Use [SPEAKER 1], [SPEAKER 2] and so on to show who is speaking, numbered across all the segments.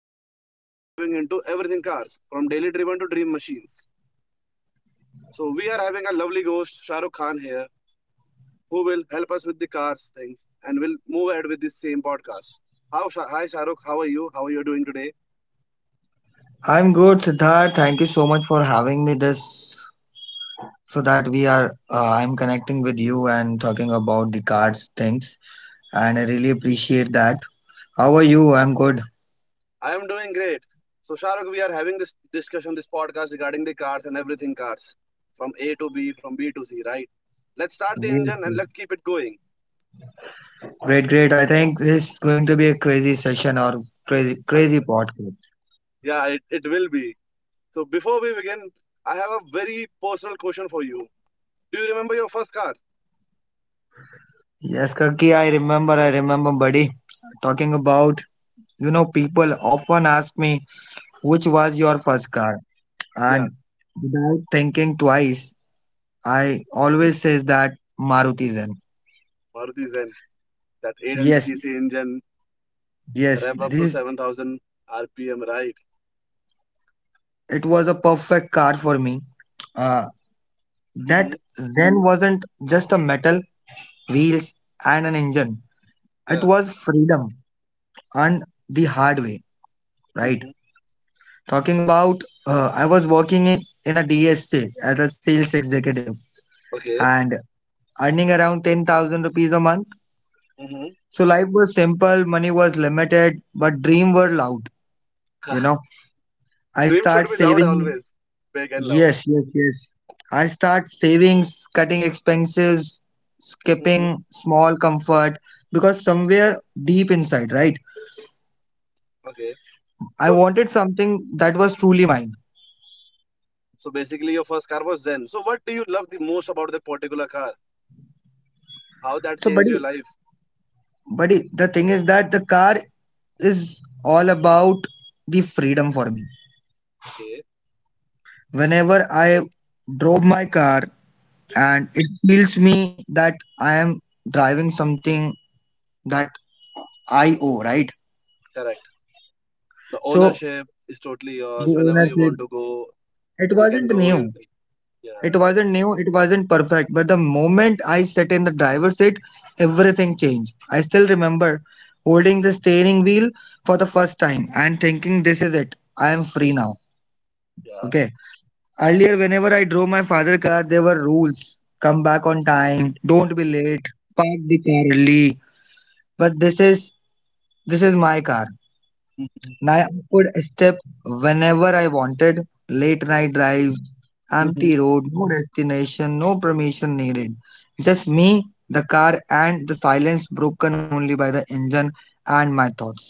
[SPEAKER 1] Karki. Today we are driving into everything cars, from daily driven to dream machines. So we are having a lovely ghost, Shah Rukh Khan here, who will help us with the cars things and will move ahead with this same podcast. How hi Shah Rukh, how are you? How are you doing today?
[SPEAKER 2] I'm good, Siddharth. Thank you so much for having me this so that we are I'm connecting with you and talking about the cards things, and I really appreciate that. How are you? I'm good.
[SPEAKER 1] I am doing great. So Shah Rukh, we are having this discussion, this podcast regarding the cars and everything cars, from A to B, from B to C, right? Let's start the
[SPEAKER 2] Yes,
[SPEAKER 1] engine and
[SPEAKER 2] yes.
[SPEAKER 1] let's keep it going.
[SPEAKER 2] Great, great. I think this is going to be a crazy session or crazy podcast.
[SPEAKER 1] Yeah, it will be. So before we begin, I have a very personal question for you. Do you remember your first car?
[SPEAKER 2] Yes, Kaki, I remember, buddy, talking about people often ask me which was your first car, and
[SPEAKER 1] Yeah,
[SPEAKER 2] without thinking twice, I always says that Maruti Zen.
[SPEAKER 1] Maruti Zen, that
[SPEAKER 2] Yes,
[SPEAKER 1] 800cc engine,
[SPEAKER 2] yes,
[SPEAKER 1] rev up to
[SPEAKER 2] this
[SPEAKER 1] 7,000 RPM, right?
[SPEAKER 2] it was a perfect car for me. Uh, that
[SPEAKER 1] Hmm.
[SPEAKER 2] Zen wasn't just a metal, wheels, and an engine. It
[SPEAKER 1] Yeah.
[SPEAKER 2] was freedom and the hard way, right?
[SPEAKER 1] Hmm.
[SPEAKER 2] Talking about, I was working in a DSA as a sales executive
[SPEAKER 1] Okay.
[SPEAKER 2] and earning around 10,000 rupees a month.
[SPEAKER 1] Hmm.
[SPEAKER 2] So life was simple, money was limited, but dream were loud, you know. I
[SPEAKER 1] Dream should
[SPEAKER 2] start
[SPEAKER 1] be loud
[SPEAKER 2] saving.
[SPEAKER 1] always, big and loud.
[SPEAKER 2] Yes, yes, yes. I start savings, cutting expenses,
[SPEAKER 1] Hmm.
[SPEAKER 2] skipping small comfort, because somewhere deep inside, right?
[SPEAKER 1] Okay.
[SPEAKER 2] I
[SPEAKER 1] So,
[SPEAKER 2] wanted something that was truly mine.
[SPEAKER 1] so basically, your first car was Zen. So, what do you love the most about that particular car? How that
[SPEAKER 2] So,
[SPEAKER 1] changed your
[SPEAKER 2] buddy,
[SPEAKER 1] life?
[SPEAKER 2] buddy, the thing is that the car is all about the freedom for me.
[SPEAKER 1] Okay,
[SPEAKER 2] Whenever I drove my car, and it feels me that I am driving something that I owe, right?
[SPEAKER 1] correct. The
[SPEAKER 2] So
[SPEAKER 1] ownership is totally
[SPEAKER 2] the
[SPEAKER 1] yours. Whenever you
[SPEAKER 2] ownership,
[SPEAKER 1] want to go,
[SPEAKER 2] it
[SPEAKER 1] you can
[SPEAKER 2] wasn't
[SPEAKER 1] go.
[SPEAKER 2] new.
[SPEAKER 1] Yeah.
[SPEAKER 2] It wasn't new, it wasn't perfect, but the moment I sat in the driver's seat, everything changed. I still remember holding the steering wheel for the first time and thinking, this is it, I am free now.
[SPEAKER 1] Yeah.
[SPEAKER 2] Okay. Earlier, whenever I drove my father's car, there were rules, come back on time, don't be late, park the car early. But this is my car.
[SPEAKER 1] Mhm.
[SPEAKER 2] Now I could step whenever I wanted, late night drives,
[SPEAKER 1] Mhm.
[SPEAKER 2] empty road, no destination, no permission needed. Just me, the car, and the silence broken only by the engine and my thoughts.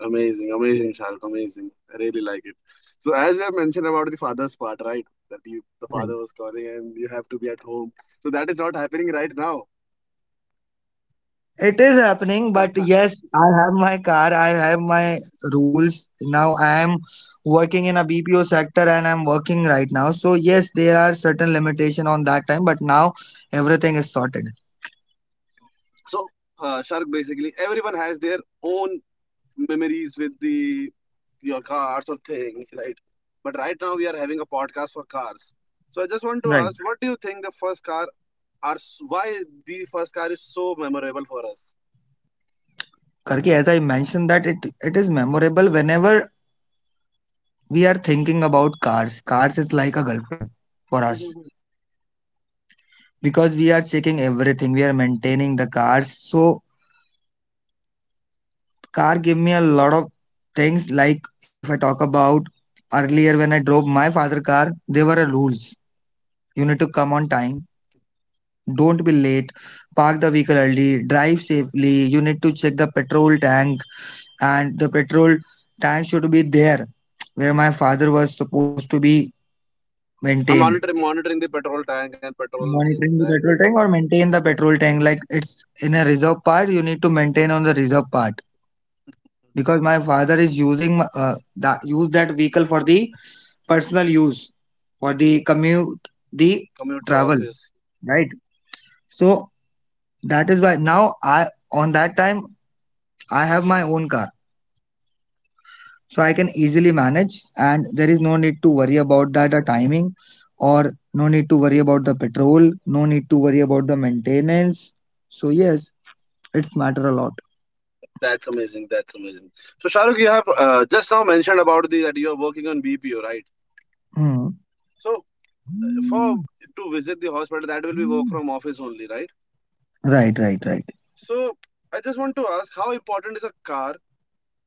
[SPEAKER 1] Amazing, amazing, Shahrukh, amazing. I really like it. So, as you have mentioned about the father's part, right? The
[SPEAKER 2] Right.
[SPEAKER 1] father was calling and you have to be at home. So, that is not happening right now.
[SPEAKER 2] It is happening, but yes, I have my car, I have my rules. Now I am working in a BPO sector and I'm working right now. So yes, there are certain limitation on that time, but now everything is sorted.
[SPEAKER 1] so, Shahrukh, basically, everyone has their own memories with the your cars or things, right? But right now, we are having a podcast for cars. So, I just want to
[SPEAKER 2] Right.
[SPEAKER 1] ask, what do you think the first car are? Why the first car is so memorable for us?
[SPEAKER 2] Karki, as I mentioned that it is memorable whenever we are thinking about cars. Cars is like a girlfriend for us, because we are checking everything. We are maintaining the cars. So car give me a lot of things. Like if I talk about earlier when I drove my father car, there were rules. You need to come on time. Don't be late. Park the vehicle early. Drive safely. You need to check the petrol tank, and the petrol tank should be there where my father was supposed to be
[SPEAKER 1] I'm
[SPEAKER 2] maintained,
[SPEAKER 1] monitoring the petrol tank and petrol thing.
[SPEAKER 2] monitoring the
[SPEAKER 1] Right,
[SPEAKER 2] petrol tank or maintain the petrol tank like it's in a reserve part, you need to maintain on the reserve part because my father is using that use that vehicle for the personal use, for the commute, the
[SPEAKER 1] commute to
[SPEAKER 2] travel,
[SPEAKER 1] office.
[SPEAKER 2] right? So that is why now I, on that time, I have my own car, so I can easily manage, and there is no need to worry about that timing, or no need to worry about the petrol, no need to worry about the maintenance. So yes, it's matter a lot.
[SPEAKER 1] That's amazing. That's amazing. So Shahrukh, you have just now mentioned about the that you are working on BPO, right?
[SPEAKER 2] Mm.
[SPEAKER 1] So for to visit the hospital, that will be work from office only, right?
[SPEAKER 2] Right, right, right.
[SPEAKER 1] So I just want to ask, how important is a car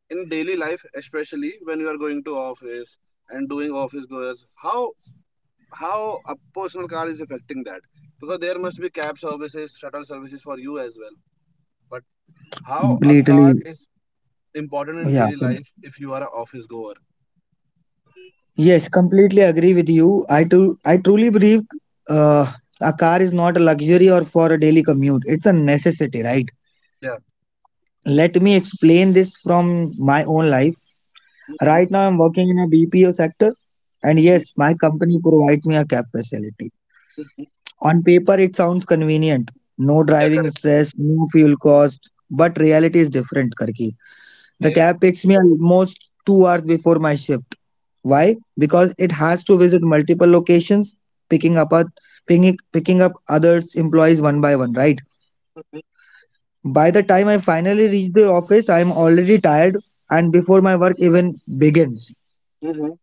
[SPEAKER 1] in daily life, especially when you are going to office and doing office goers? How a personal car is affecting that? Because there must be cab services, shuttle services for you as well how a car
[SPEAKER 2] Completely,
[SPEAKER 1] is important in
[SPEAKER 2] yeah.
[SPEAKER 1] daily life if you are an office goer.
[SPEAKER 2] Yes, completely agree with you. I too, I truly believe uh, a car is not a luxury or for a daily commute. It's a necessity, right?
[SPEAKER 1] Yeah.
[SPEAKER 2] Let me explain this from my own life.
[SPEAKER 1] Hmm.
[SPEAKER 2] Right now, I'm working in a BPO sector, and
[SPEAKER 1] Hmm.
[SPEAKER 2] yes, my company provides me a cab facility. On paper, it sounds convenient. No
[SPEAKER 1] Yeah,
[SPEAKER 2] driving
[SPEAKER 1] correct.
[SPEAKER 2] stress, no fuel cost, but reality is different, Karki. The
[SPEAKER 1] Okay.
[SPEAKER 2] cab picks me almost 2 hours before my shift. Why? Because it has to visit multiple locations, picking up a, picking up others employees one by one, right?
[SPEAKER 1] Mm-hmm.
[SPEAKER 2] By the time I finally reach the office, I am already tired and before my work even begins.
[SPEAKER 1] Mm-hmm.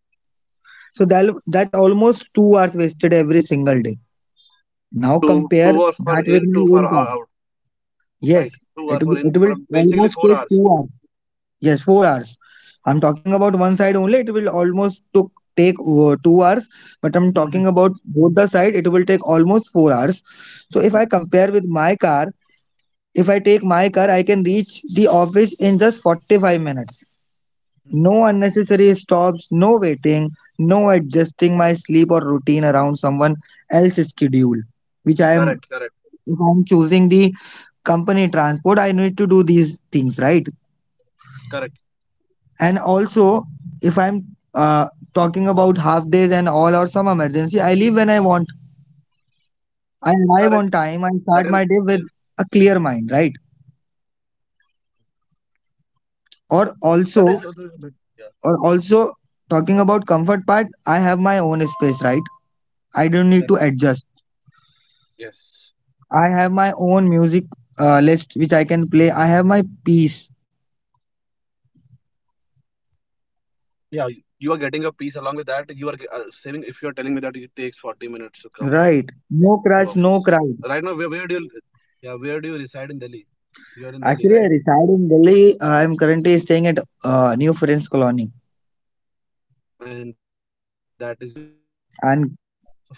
[SPEAKER 2] So that almost 2 hours wasted every single day. Now
[SPEAKER 1] Two
[SPEAKER 2] compare
[SPEAKER 1] two hours
[SPEAKER 2] that
[SPEAKER 1] for in,
[SPEAKER 2] with
[SPEAKER 1] two
[SPEAKER 2] my
[SPEAKER 1] for
[SPEAKER 2] own time.
[SPEAKER 1] out. Right.
[SPEAKER 2] Yes,
[SPEAKER 1] 2 hours
[SPEAKER 2] it,
[SPEAKER 1] for in,
[SPEAKER 2] it will
[SPEAKER 1] but basically
[SPEAKER 2] almost
[SPEAKER 1] four
[SPEAKER 2] take
[SPEAKER 1] hours.
[SPEAKER 2] 2 hours. Yes, 4 hours. I'm talking about one side only. It will almost took take 2 hours, but I'm
[SPEAKER 1] Hmm.
[SPEAKER 2] talking about both the side. It will take almost 4 hours. So if I compare with my car, if I take my car, I can reach the office in just 45 minutes. No unnecessary stops, no waiting, no adjusting my sleep or routine around someone else's schedule. Which I am,
[SPEAKER 1] Correct. Correct.
[SPEAKER 2] if I'm choosing the company transport, I need to do these things, right?
[SPEAKER 1] Correct.
[SPEAKER 2] And also, if I'm uh, talking about half days and all or some emergency, I leave when I want.
[SPEAKER 1] Correct.
[SPEAKER 2] I arrive
[SPEAKER 1] That
[SPEAKER 2] on
[SPEAKER 1] can.
[SPEAKER 2] time. I
[SPEAKER 1] Yeah.
[SPEAKER 2] start my day with a clear mind, right? Or
[SPEAKER 1] That is
[SPEAKER 2] also,
[SPEAKER 1] also a bit. Yeah.
[SPEAKER 2] or also talking about comfort part, I have my own space, right? I don't need to
[SPEAKER 1] Correct.
[SPEAKER 2] adjust.
[SPEAKER 1] Yes.
[SPEAKER 2] I have my own music list which I can play. I have my peace,
[SPEAKER 1] Yeah. You are getting a piece along with that. You are saving if you are telling me that it takes 40 minutes to come right to
[SPEAKER 2] right?
[SPEAKER 1] office.
[SPEAKER 2] No crush,
[SPEAKER 1] Right now,
[SPEAKER 2] no
[SPEAKER 1] where
[SPEAKER 2] crowd.
[SPEAKER 1] where do you, yeah, where do you reside in Delhi? You're in Delhi, right?
[SPEAKER 2] Actually, I reside in Delhi. I am currently staying at New Friends Colony,
[SPEAKER 1] And that is your office in Gurgaon. So
[SPEAKER 2] and
[SPEAKER 1] 40 minutes, and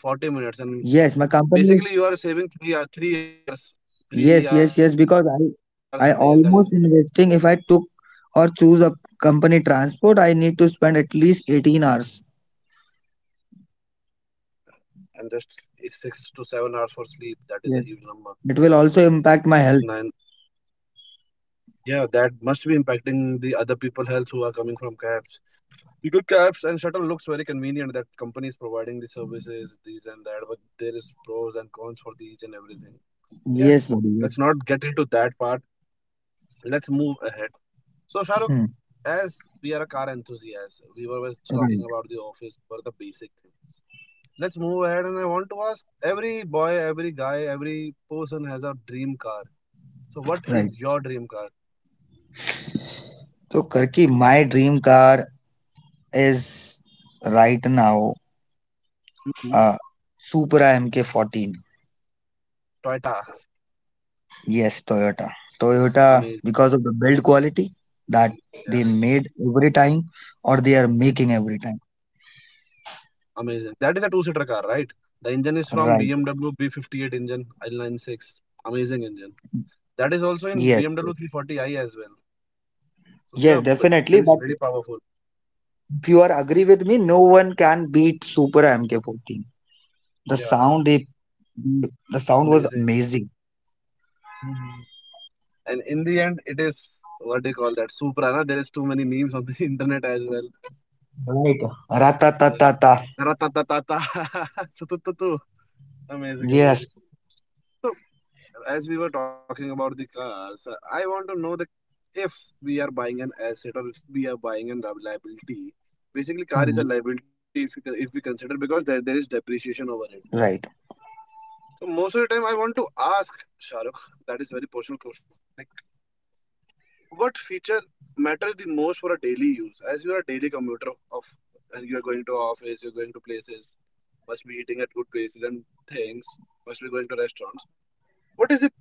[SPEAKER 1] basically
[SPEAKER 2] yes,
[SPEAKER 1] you
[SPEAKER 2] my
[SPEAKER 1] are saving
[SPEAKER 2] company.
[SPEAKER 1] three hours a day, and that is a huge
[SPEAKER 2] Yes, yes,
[SPEAKER 1] number.
[SPEAKER 2] yes, because
[SPEAKER 1] You can invest that
[SPEAKER 2] I
[SPEAKER 1] time
[SPEAKER 2] almost investing if I took or choose a company transport, I need to spend at least 18 hours.
[SPEAKER 1] and just 6 to 7 hours for sleep. That is a huge number.
[SPEAKER 2] Yes. It will also
[SPEAKER 1] Nine.
[SPEAKER 2] impact my health.
[SPEAKER 1] Yeah, that must be impacting the other people' health who are coming from cabs. Google Cabs and Shuttle looks very convenient that companies providing the services, these and that, but there is pros and cons for the each and everything. Yeah,
[SPEAKER 2] Yes, buddy.
[SPEAKER 1] let's not
[SPEAKER 2] Yes.
[SPEAKER 1] get into that part. Let's move ahead. So, Shahrukh,
[SPEAKER 2] Hmm.
[SPEAKER 1] as we are a car enthusiast, we were just talking
[SPEAKER 2] Right,
[SPEAKER 1] about the office for the basic things. Let's move ahead, and I want to ask every boy, every guy, every person has a dream car. So, what
[SPEAKER 2] right.
[SPEAKER 1] is your dream car?
[SPEAKER 2] So, Karki, my dream car is right now uh
[SPEAKER 1] Hmm.
[SPEAKER 2] Supra MK14.
[SPEAKER 1] Toyota.
[SPEAKER 2] Yes, Toyota. Toyota,
[SPEAKER 1] Amazing.
[SPEAKER 2] because of the build quality that they
[SPEAKER 1] Yeah.
[SPEAKER 2] made every time or they are making every time.
[SPEAKER 1] Amazing. That is a two-seater car, right? The engine is
[SPEAKER 2] Right.
[SPEAKER 1] from BMW B58 engine, I96. Amazing engine. That is also in
[SPEAKER 2] Yes.
[SPEAKER 1] BMW 340i as well. So
[SPEAKER 2] Yes,
[SPEAKER 1] yeah, the
[SPEAKER 2] definitely. But
[SPEAKER 1] engine is very powerful.
[SPEAKER 2] if you are agree with me, no one can beat Super MK14. The sound
[SPEAKER 1] Yeah,
[SPEAKER 2] they, the sound was
[SPEAKER 1] amazing.
[SPEAKER 2] amazing.
[SPEAKER 1] Mhm. And in the end, it is what they call that Supra. Na? There is too many memes on the internet as well.
[SPEAKER 2] Right. Ratatatata.
[SPEAKER 1] Yes. Ratatatata. Sutututu. Amazing,
[SPEAKER 2] Yes.
[SPEAKER 1] amazing. So, as we were talking about the cars, I want to know that if we are buying an asset or if we are buying a liability. Basically, car is
[SPEAKER 2] Hmm.
[SPEAKER 1] a liability if we, con- if we consider because there is depreciation over it.
[SPEAKER 2] Right.
[SPEAKER 1] So most of the time, I want to ask Shahrukh. That is a very personal question. Like, what feature matters the most for a daily use? As you are a daily commuter of, and you are going to office, you are going to places, must be eating at good places and things, must be going to restaurants. What is the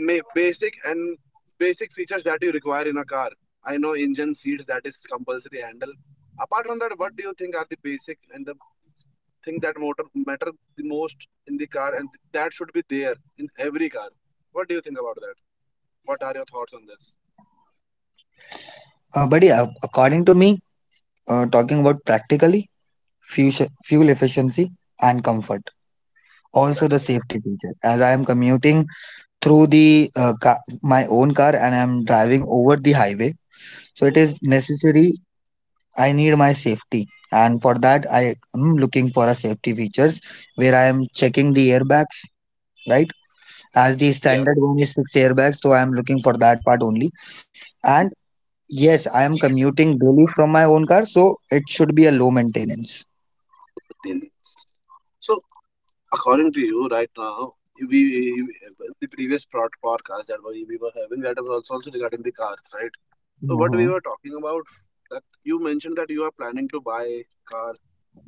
[SPEAKER 1] ma- basic and basic features that you require in a car? I know engine seats that is compulsory handle. Apart from that, what do you think are the basic and the thing that motor matter the most in the car and that should be there in every car? What do you think about that? What are your thoughts on this?
[SPEAKER 2] But yeah, according to me, talking about practically fuel fuel efficiency and comfort, also
[SPEAKER 1] That
[SPEAKER 2] the
[SPEAKER 1] is one.
[SPEAKER 2] safety feature. As I am commuting through the my own car and I am driving over the highway, so it
[SPEAKER 1] Mhm.
[SPEAKER 2] is necessary I need my safety, and for that I am looking for a safety features where I am
[SPEAKER 1] Mhm.
[SPEAKER 2] checking the airbags, right? As
[SPEAKER 1] Yeah,
[SPEAKER 2] the standard one is six airbags, so I am looking for that part only. And yes, I am commuting daily from my own car, so it should be a low maintenance.
[SPEAKER 1] 15 minutes. So according to you, right now we the previous podcast that we were having that was also regarding the cars, right? So what we
[SPEAKER 2] Hmm.
[SPEAKER 1] were talking about that you mentioned that you are planning to buy car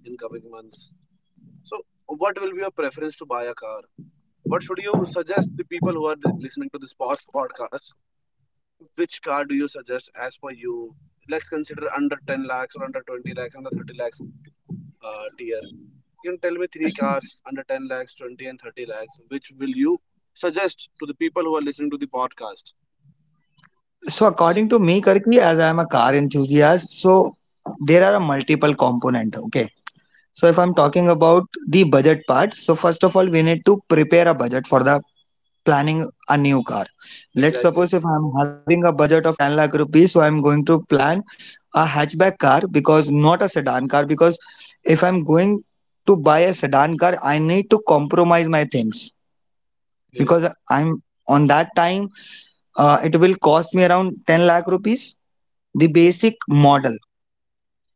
[SPEAKER 1] in coming months. So what will be your preference to buy a car? What should you suggest the people who are listening to this podcast? Which car do you suggest as per you? Let's consider under 10 lakhs or under 20 lakhs, under 30 lakhs tier. You can tell me three cars under 10 lakhs, 20 and 30 lakhs. Which will you suggest to the people who are listening to the podcast?
[SPEAKER 2] So according to me, Karki, as I am a car enthusiast, so there are a multiple component. Okay. So if I'm
[SPEAKER 1] Mhm.
[SPEAKER 2] talking about the budget part, so first of all, we need to prepare a budget for the planning a new car. Let's
[SPEAKER 1] Exactly.
[SPEAKER 2] suppose if I'm having a budget of 10 lakh rupees, so I'm going to plan a hatchback car because not a sedan car. Because if I'm going to buy a sedan car, I need to compromise my things
[SPEAKER 1] Okay.
[SPEAKER 2] because I'm on that time, it will cost me around 10 lakh rupees, the
[SPEAKER 1] Mhm.
[SPEAKER 2] basic model.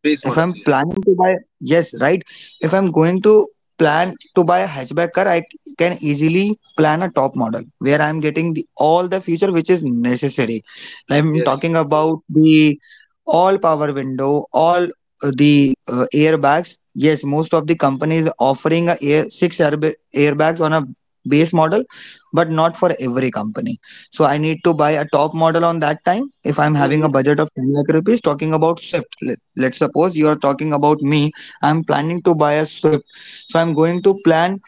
[SPEAKER 1] Base
[SPEAKER 2] If I'm
[SPEAKER 1] models, yes.
[SPEAKER 2] planning to buy yes, right. If I'm going to plan to buy a hatchback car, I can easily plan a top model where I'm getting the, all the feature which is necessary. I'm
[SPEAKER 1] Yes.
[SPEAKER 2] talking about the all power window, all the airbags. Yes, most of the companies offering a air, airbags on a base model, but not for every company. So I need to buy a top model on that time. If I'm having a
[SPEAKER 1] Mhm.
[SPEAKER 2] budget of 10 lakh rupees, talking about Swift. Let's suppose you are talking about me. I'm planning to buy a Swift. So I'm going to plan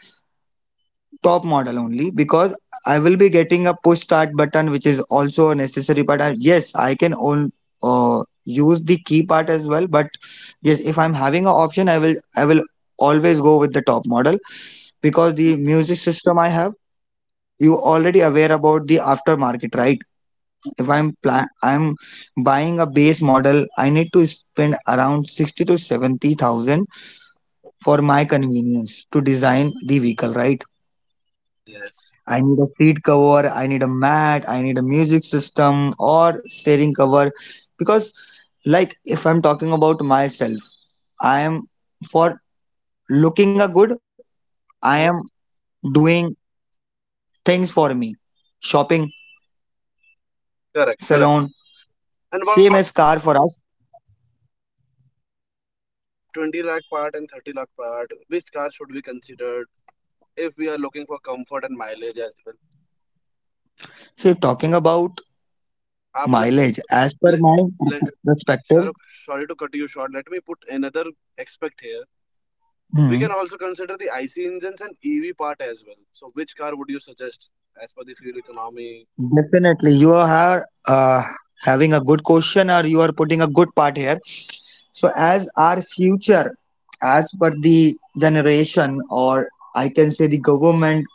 [SPEAKER 2] top model only because I will be getting a push start button, which is also a necessary part. And yes, I can own, use the key part as well. But yes, if I'm having an option, I will always go with the top model because the music system I have, you already aware about the aftermarket, right? If I'm buying a base model, I need to spend around 60 to 70,000 for my convenience to design the vehicle, right?
[SPEAKER 1] Yes.
[SPEAKER 2] I need a seat cover, I need a mat, I need a music system or steering cover because like if I'm talking about myself, I am for looking a good, I am
[SPEAKER 1] Mhm.
[SPEAKER 2] doing things for me, shopping, salon,
[SPEAKER 1] Correct, correct.
[SPEAKER 2] same
[SPEAKER 1] And
[SPEAKER 2] as
[SPEAKER 1] what
[SPEAKER 2] car
[SPEAKER 1] about
[SPEAKER 2] for us.
[SPEAKER 1] correct, correct. So what do you think about the 20 lakh part and 30 lakh part? Which car should be considered if we are looking for comfort and mileage as well?
[SPEAKER 2] So if talking about
[SPEAKER 1] आप मतलब
[SPEAKER 2] mileage, as per
[SPEAKER 1] let,
[SPEAKER 2] my
[SPEAKER 1] let
[SPEAKER 2] perspective.
[SPEAKER 1] Shahrukh, sorry to cut you short. Let me put another aspect here. We
[SPEAKER 2] Hmm.
[SPEAKER 1] can also consider the IC engines and EV part as well. So, which car would you suggest as per the fuel economy?
[SPEAKER 2] Definitely you are uh, having a good question or you are putting a good part here. So, as our future, as per the generation, or I can say the government,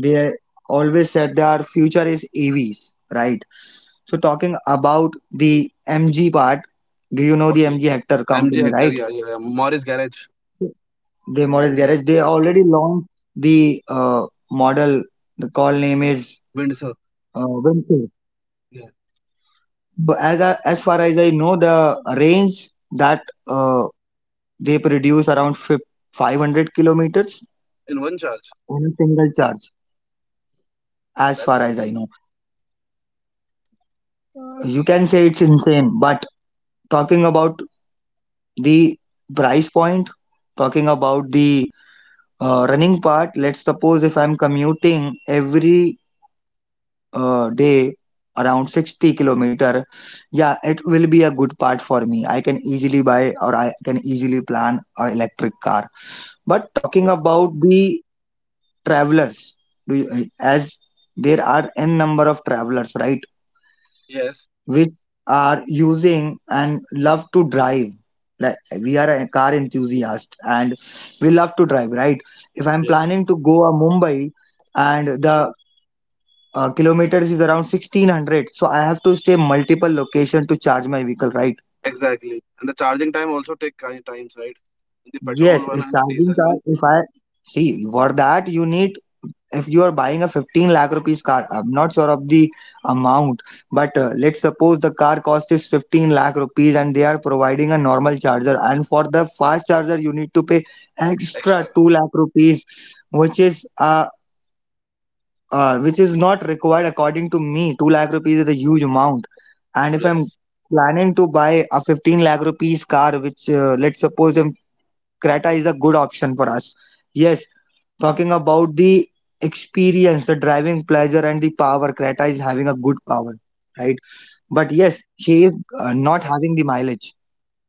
[SPEAKER 2] they always said their future is EVs, right? So, talking about the MG part, do you know the
[SPEAKER 1] Okay.
[SPEAKER 2] MG Hector
[SPEAKER 1] MG
[SPEAKER 2] company,
[SPEAKER 1] Hector,
[SPEAKER 2] right?
[SPEAKER 1] yeah, yeah, yeah. Morris Garage,
[SPEAKER 2] The Morris
[SPEAKER 1] it is a
[SPEAKER 2] Garage. They already launched the model. The call name is
[SPEAKER 1] Windsor,
[SPEAKER 2] Winfield.
[SPEAKER 1] yeah,
[SPEAKER 2] So as I, as far as I know, the range that uh, they produce around 500 kilometers
[SPEAKER 1] in one charge.
[SPEAKER 2] on a single charge. As far
[SPEAKER 1] That's it.
[SPEAKER 2] as I know, you can
[SPEAKER 1] Okay.
[SPEAKER 2] say it's insane. But talking about the price point, talking about the running part, let's suppose if I'm commuting every day around 60 kilometer, yeah, it will be a good part for me. I can easily buy or I can easily plan a electric car. But talking about the travelers, do you, as there are n number of travelers, right,
[SPEAKER 1] Yes.
[SPEAKER 2] which are using and love to drive, like, we are a car enthusiast and we love to drive, right? If I'm
[SPEAKER 1] Yes.
[SPEAKER 2] planning to go a Mumbai and the kilometers is around 1600, so I have to stay multiple location to charge my vehicle, right?
[SPEAKER 1] Exactly. And the charging time also take kind times, right? The petrol
[SPEAKER 2] Yes,
[SPEAKER 1] one
[SPEAKER 2] a
[SPEAKER 1] and the
[SPEAKER 2] charging
[SPEAKER 1] diesel
[SPEAKER 2] car,
[SPEAKER 1] one
[SPEAKER 2] if I see, for that you need, if you are buying a 15 lakh rupees car, I'm not sure of the amount, but let's suppose the car cost is 15 lakh rupees and they are providing a normal charger, and for the fast charger you need to pay extra
[SPEAKER 1] extra.
[SPEAKER 2] 2 lakh rupees, which is a which is not required according to me. 2 lakh rupees is a huge amount. And if I'm
[SPEAKER 1] Yes.
[SPEAKER 2] planning to buy a 15 lakh rupees car, which, let's suppose, Creta is a good option for us. Yes, talking about the experience, the driving pleasure, and the power, Creta is having a good power, right?
[SPEAKER 1] Yes.
[SPEAKER 2] But yes, she is
[SPEAKER 1] Yes.
[SPEAKER 2] not having the mileage.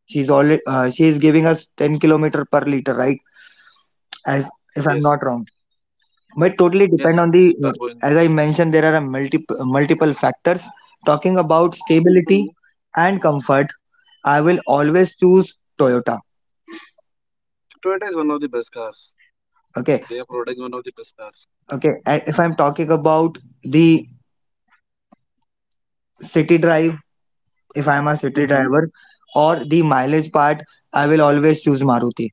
[SPEAKER 2] She's already she is giving us 10 kilometer per liter, right? As,
[SPEAKER 1] Yes.
[SPEAKER 2] if I'm not wrong. But
[SPEAKER 1] Yes. It
[SPEAKER 2] totally
[SPEAKER 1] is
[SPEAKER 2] depend on
[SPEAKER 1] turbo
[SPEAKER 2] the
[SPEAKER 1] engine.
[SPEAKER 2] as I mentioned, there are a multiple factors. Talking about
[SPEAKER 1] Hmm.
[SPEAKER 2] stability and comfort, I will always choose Toyota.
[SPEAKER 1] Toyota is one of the best cars. They
[SPEAKER 2] Okay,
[SPEAKER 1] are producing one of the best cars.
[SPEAKER 2] okay. And if I'm talking about the city drive, if I'm a city
[SPEAKER 1] Mm-hmm.
[SPEAKER 2] driver, or the mileage part, I will always choose Maruti.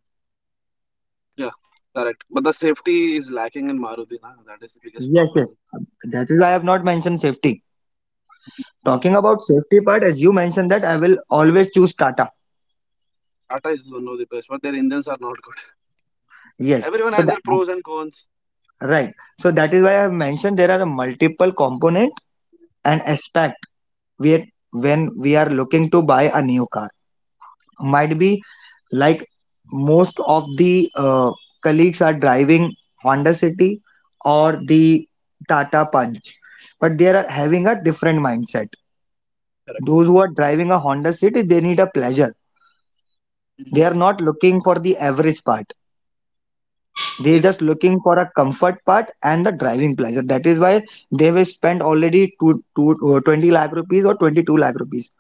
[SPEAKER 1] Yeah. Correct. But the safety is lacking in Maruti. Na? That is the
[SPEAKER 2] Yes,
[SPEAKER 1] biggest
[SPEAKER 2] yes,
[SPEAKER 1] problem.
[SPEAKER 2] that is why I have not mentioned safety. Talking
[SPEAKER 1] Mm.
[SPEAKER 2] about safety part, as you mentioned, that I will always choose Tata.
[SPEAKER 1] Tata is one of the best, but their engines are not good.
[SPEAKER 2] Yes. So that
[SPEAKER 1] Everyone has their pros and cons.
[SPEAKER 2] right. So that is why I have mentioned there are multiple components, an aspect, we, when we are looking to buy a new car, might be,
[SPEAKER 1] Mm,
[SPEAKER 2] like, most of the colleagues are driving Honda City or the Tata Punch, but they are having a different mindset. Those who are
[SPEAKER 1] correct.
[SPEAKER 2] driving a Honda City, they need a pleasure, they are not looking
[SPEAKER 1] Mhm.
[SPEAKER 2] for the average part, they are just looking for
[SPEAKER 1] Yes.
[SPEAKER 2] a comfort part and the driving pleasure. That is why they will spend already 20 lakh rupees or 22 lakh rupees.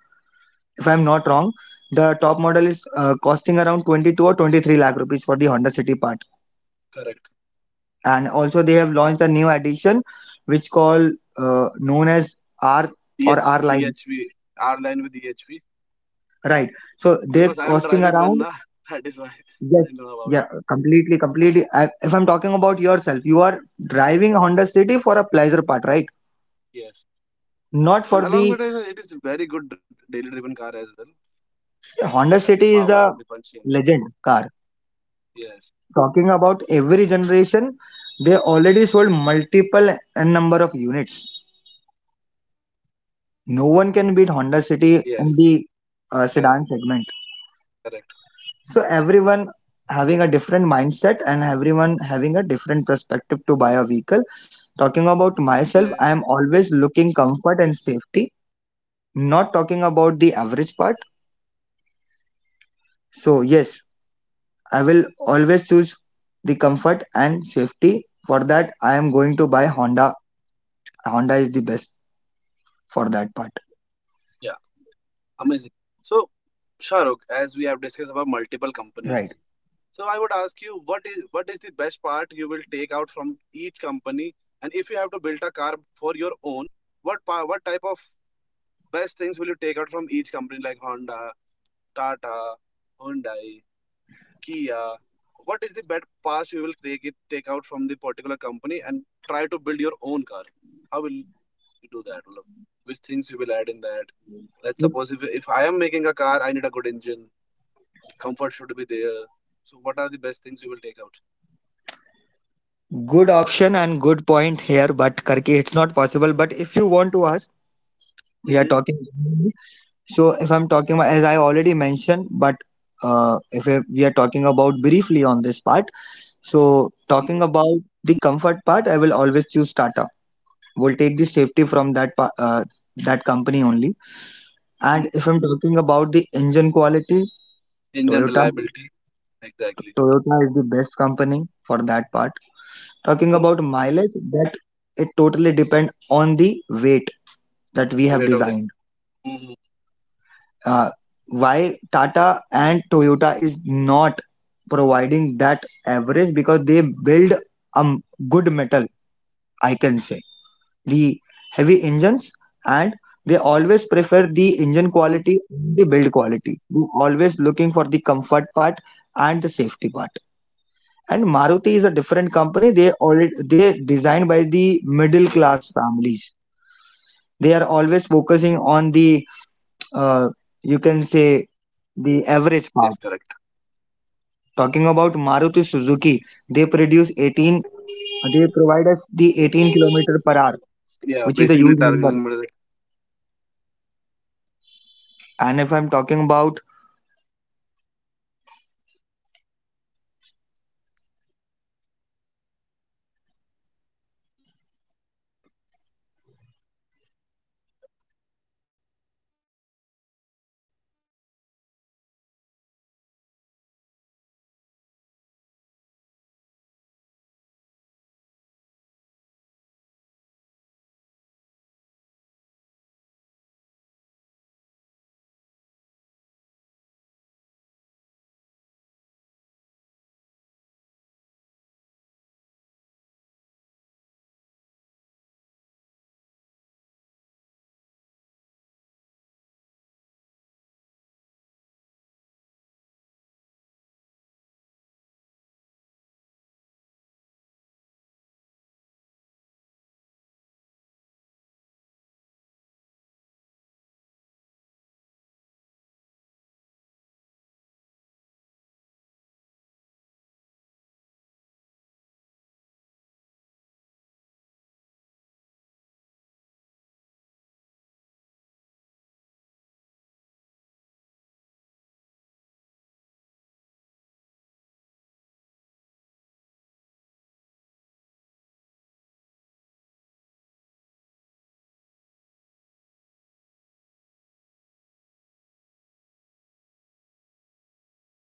[SPEAKER 2] If I'm not wrong, the top model is costing around 22 or 23 lakh rupees for the Honda City part.
[SPEAKER 1] Correct.
[SPEAKER 2] And also they have launched a new edition which called known as R or R line.
[SPEAKER 1] EH, EHV, R line with EHV.
[SPEAKER 2] Right. So they're costing around,
[SPEAKER 1] Because I am driving one, na,
[SPEAKER 2] yes,
[SPEAKER 1] that is why
[SPEAKER 2] yeah,
[SPEAKER 1] I know
[SPEAKER 2] completely,
[SPEAKER 1] about it.
[SPEAKER 2] completely. I, if I'm talking about yourself, you are driving Honda City for a pleasure part, right?
[SPEAKER 1] Yes.
[SPEAKER 2] Not for the,
[SPEAKER 1] And along with it, it is a very good daily driven car as well.
[SPEAKER 2] Honda City is the
[SPEAKER 1] Have the power,
[SPEAKER 2] legend
[SPEAKER 1] have the
[SPEAKER 2] car.
[SPEAKER 1] punching.
[SPEAKER 2] Talking
[SPEAKER 1] Yes.
[SPEAKER 2] about every generation, they already sold multiple n number of units.
[SPEAKER 1] Yes,
[SPEAKER 2] No
[SPEAKER 1] correct.
[SPEAKER 2] one can beat Honda City in the sedan segment. So
[SPEAKER 1] Yes.
[SPEAKER 2] everyone
[SPEAKER 1] That is why still
[SPEAKER 2] having a
[SPEAKER 1] the
[SPEAKER 2] different
[SPEAKER 1] company is running.
[SPEAKER 2] mindset and everyone having a different perspective to buy a vehicle. Talking about myself, I am always looking comfort and safety, not talking about the average part. So yes, I will always choose the comfort and safety. For that, I am going to buy Honda. Honda is the best for that part.
[SPEAKER 1] Yeah, amazing. So, Shahrukh, as we have discussed about multiple
[SPEAKER 2] Right.
[SPEAKER 1] companies, so I would ask you, what is the best part you will take out from each company? And if you have to build a car for your own, what type of best things will you take out from each company like Honda, Tata, Hyundai, Kia? What is the best pass you will take out from the particular company and try to build your own car? How will you do that? Look, which things you will add in that? Let's suppose if I am making a car, I need a good engine. Comfort should be there. So what are the best things you will take out?
[SPEAKER 2] Good option and good point here, but Karki, it's not possible. But if you want to ask, we are talking,
[SPEAKER 1] Mhm,
[SPEAKER 2] so if I'm talking about, as I already mentioned, but if I- we are talking about briefly on this part. So
[SPEAKER 1] mhm,
[SPEAKER 2] talking about the comfort part, I will always choose startup. We'll take the safety from that company only. And if
[SPEAKER 1] mhm.
[SPEAKER 2] I'm talking about the engine quality, toyota
[SPEAKER 1] Engine reliability,
[SPEAKER 2] Toyota
[SPEAKER 1] exactly.
[SPEAKER 2] is the best company for that part. Talking about
[SPEAKER 1] Mhm.
[SPEAKER 2] mileage, that it totally depend on the weight that we have
[SPEAKER 1] The
[SPEAKER 2] designed.
[SPEAKER 1] weight of the. Mhm,
[SPEAKER 2] uh, why Tata and Toyota is not providing that average? Because they build a good metal, I can say.
[SPEAKER 1] mhm.
[SPEAKER 2] The heavy engines, and they always prefer the engine quality, the build quality. They always looking for the
[SPEAKER 1] Yes,
[SPEAKER 2] comfort part and the safety part. And
[SPEAKER 1] yes,
[SPEAKER 2] Maruti is a
[SPEAKER 1] correct.
[SPEAKER 2] different company. They already, they designed by the middle class families. They
[SPEAKER 1] Yeah,
[SPEAKER 2] are
[SPEAKER 1] basically
[SPEAKER 2] always
[SPEAKER 1] targeting.
[SPEAKER 2] focusing on the uh, you can say the average part. Talking about Maruti Suzuki, they produce 18, they provide us the 18 kilometer per hour, which is a huge number. And if I'm
[SPEAKER 1] That is
[SPEAKER 2] talking
[SPEAKER 1] a
[SPEAKER 2] about
[SPEAKER 1] very huge number with you. Hello, Shahrukh, I'm audible. I hope I have not lost you. Hello.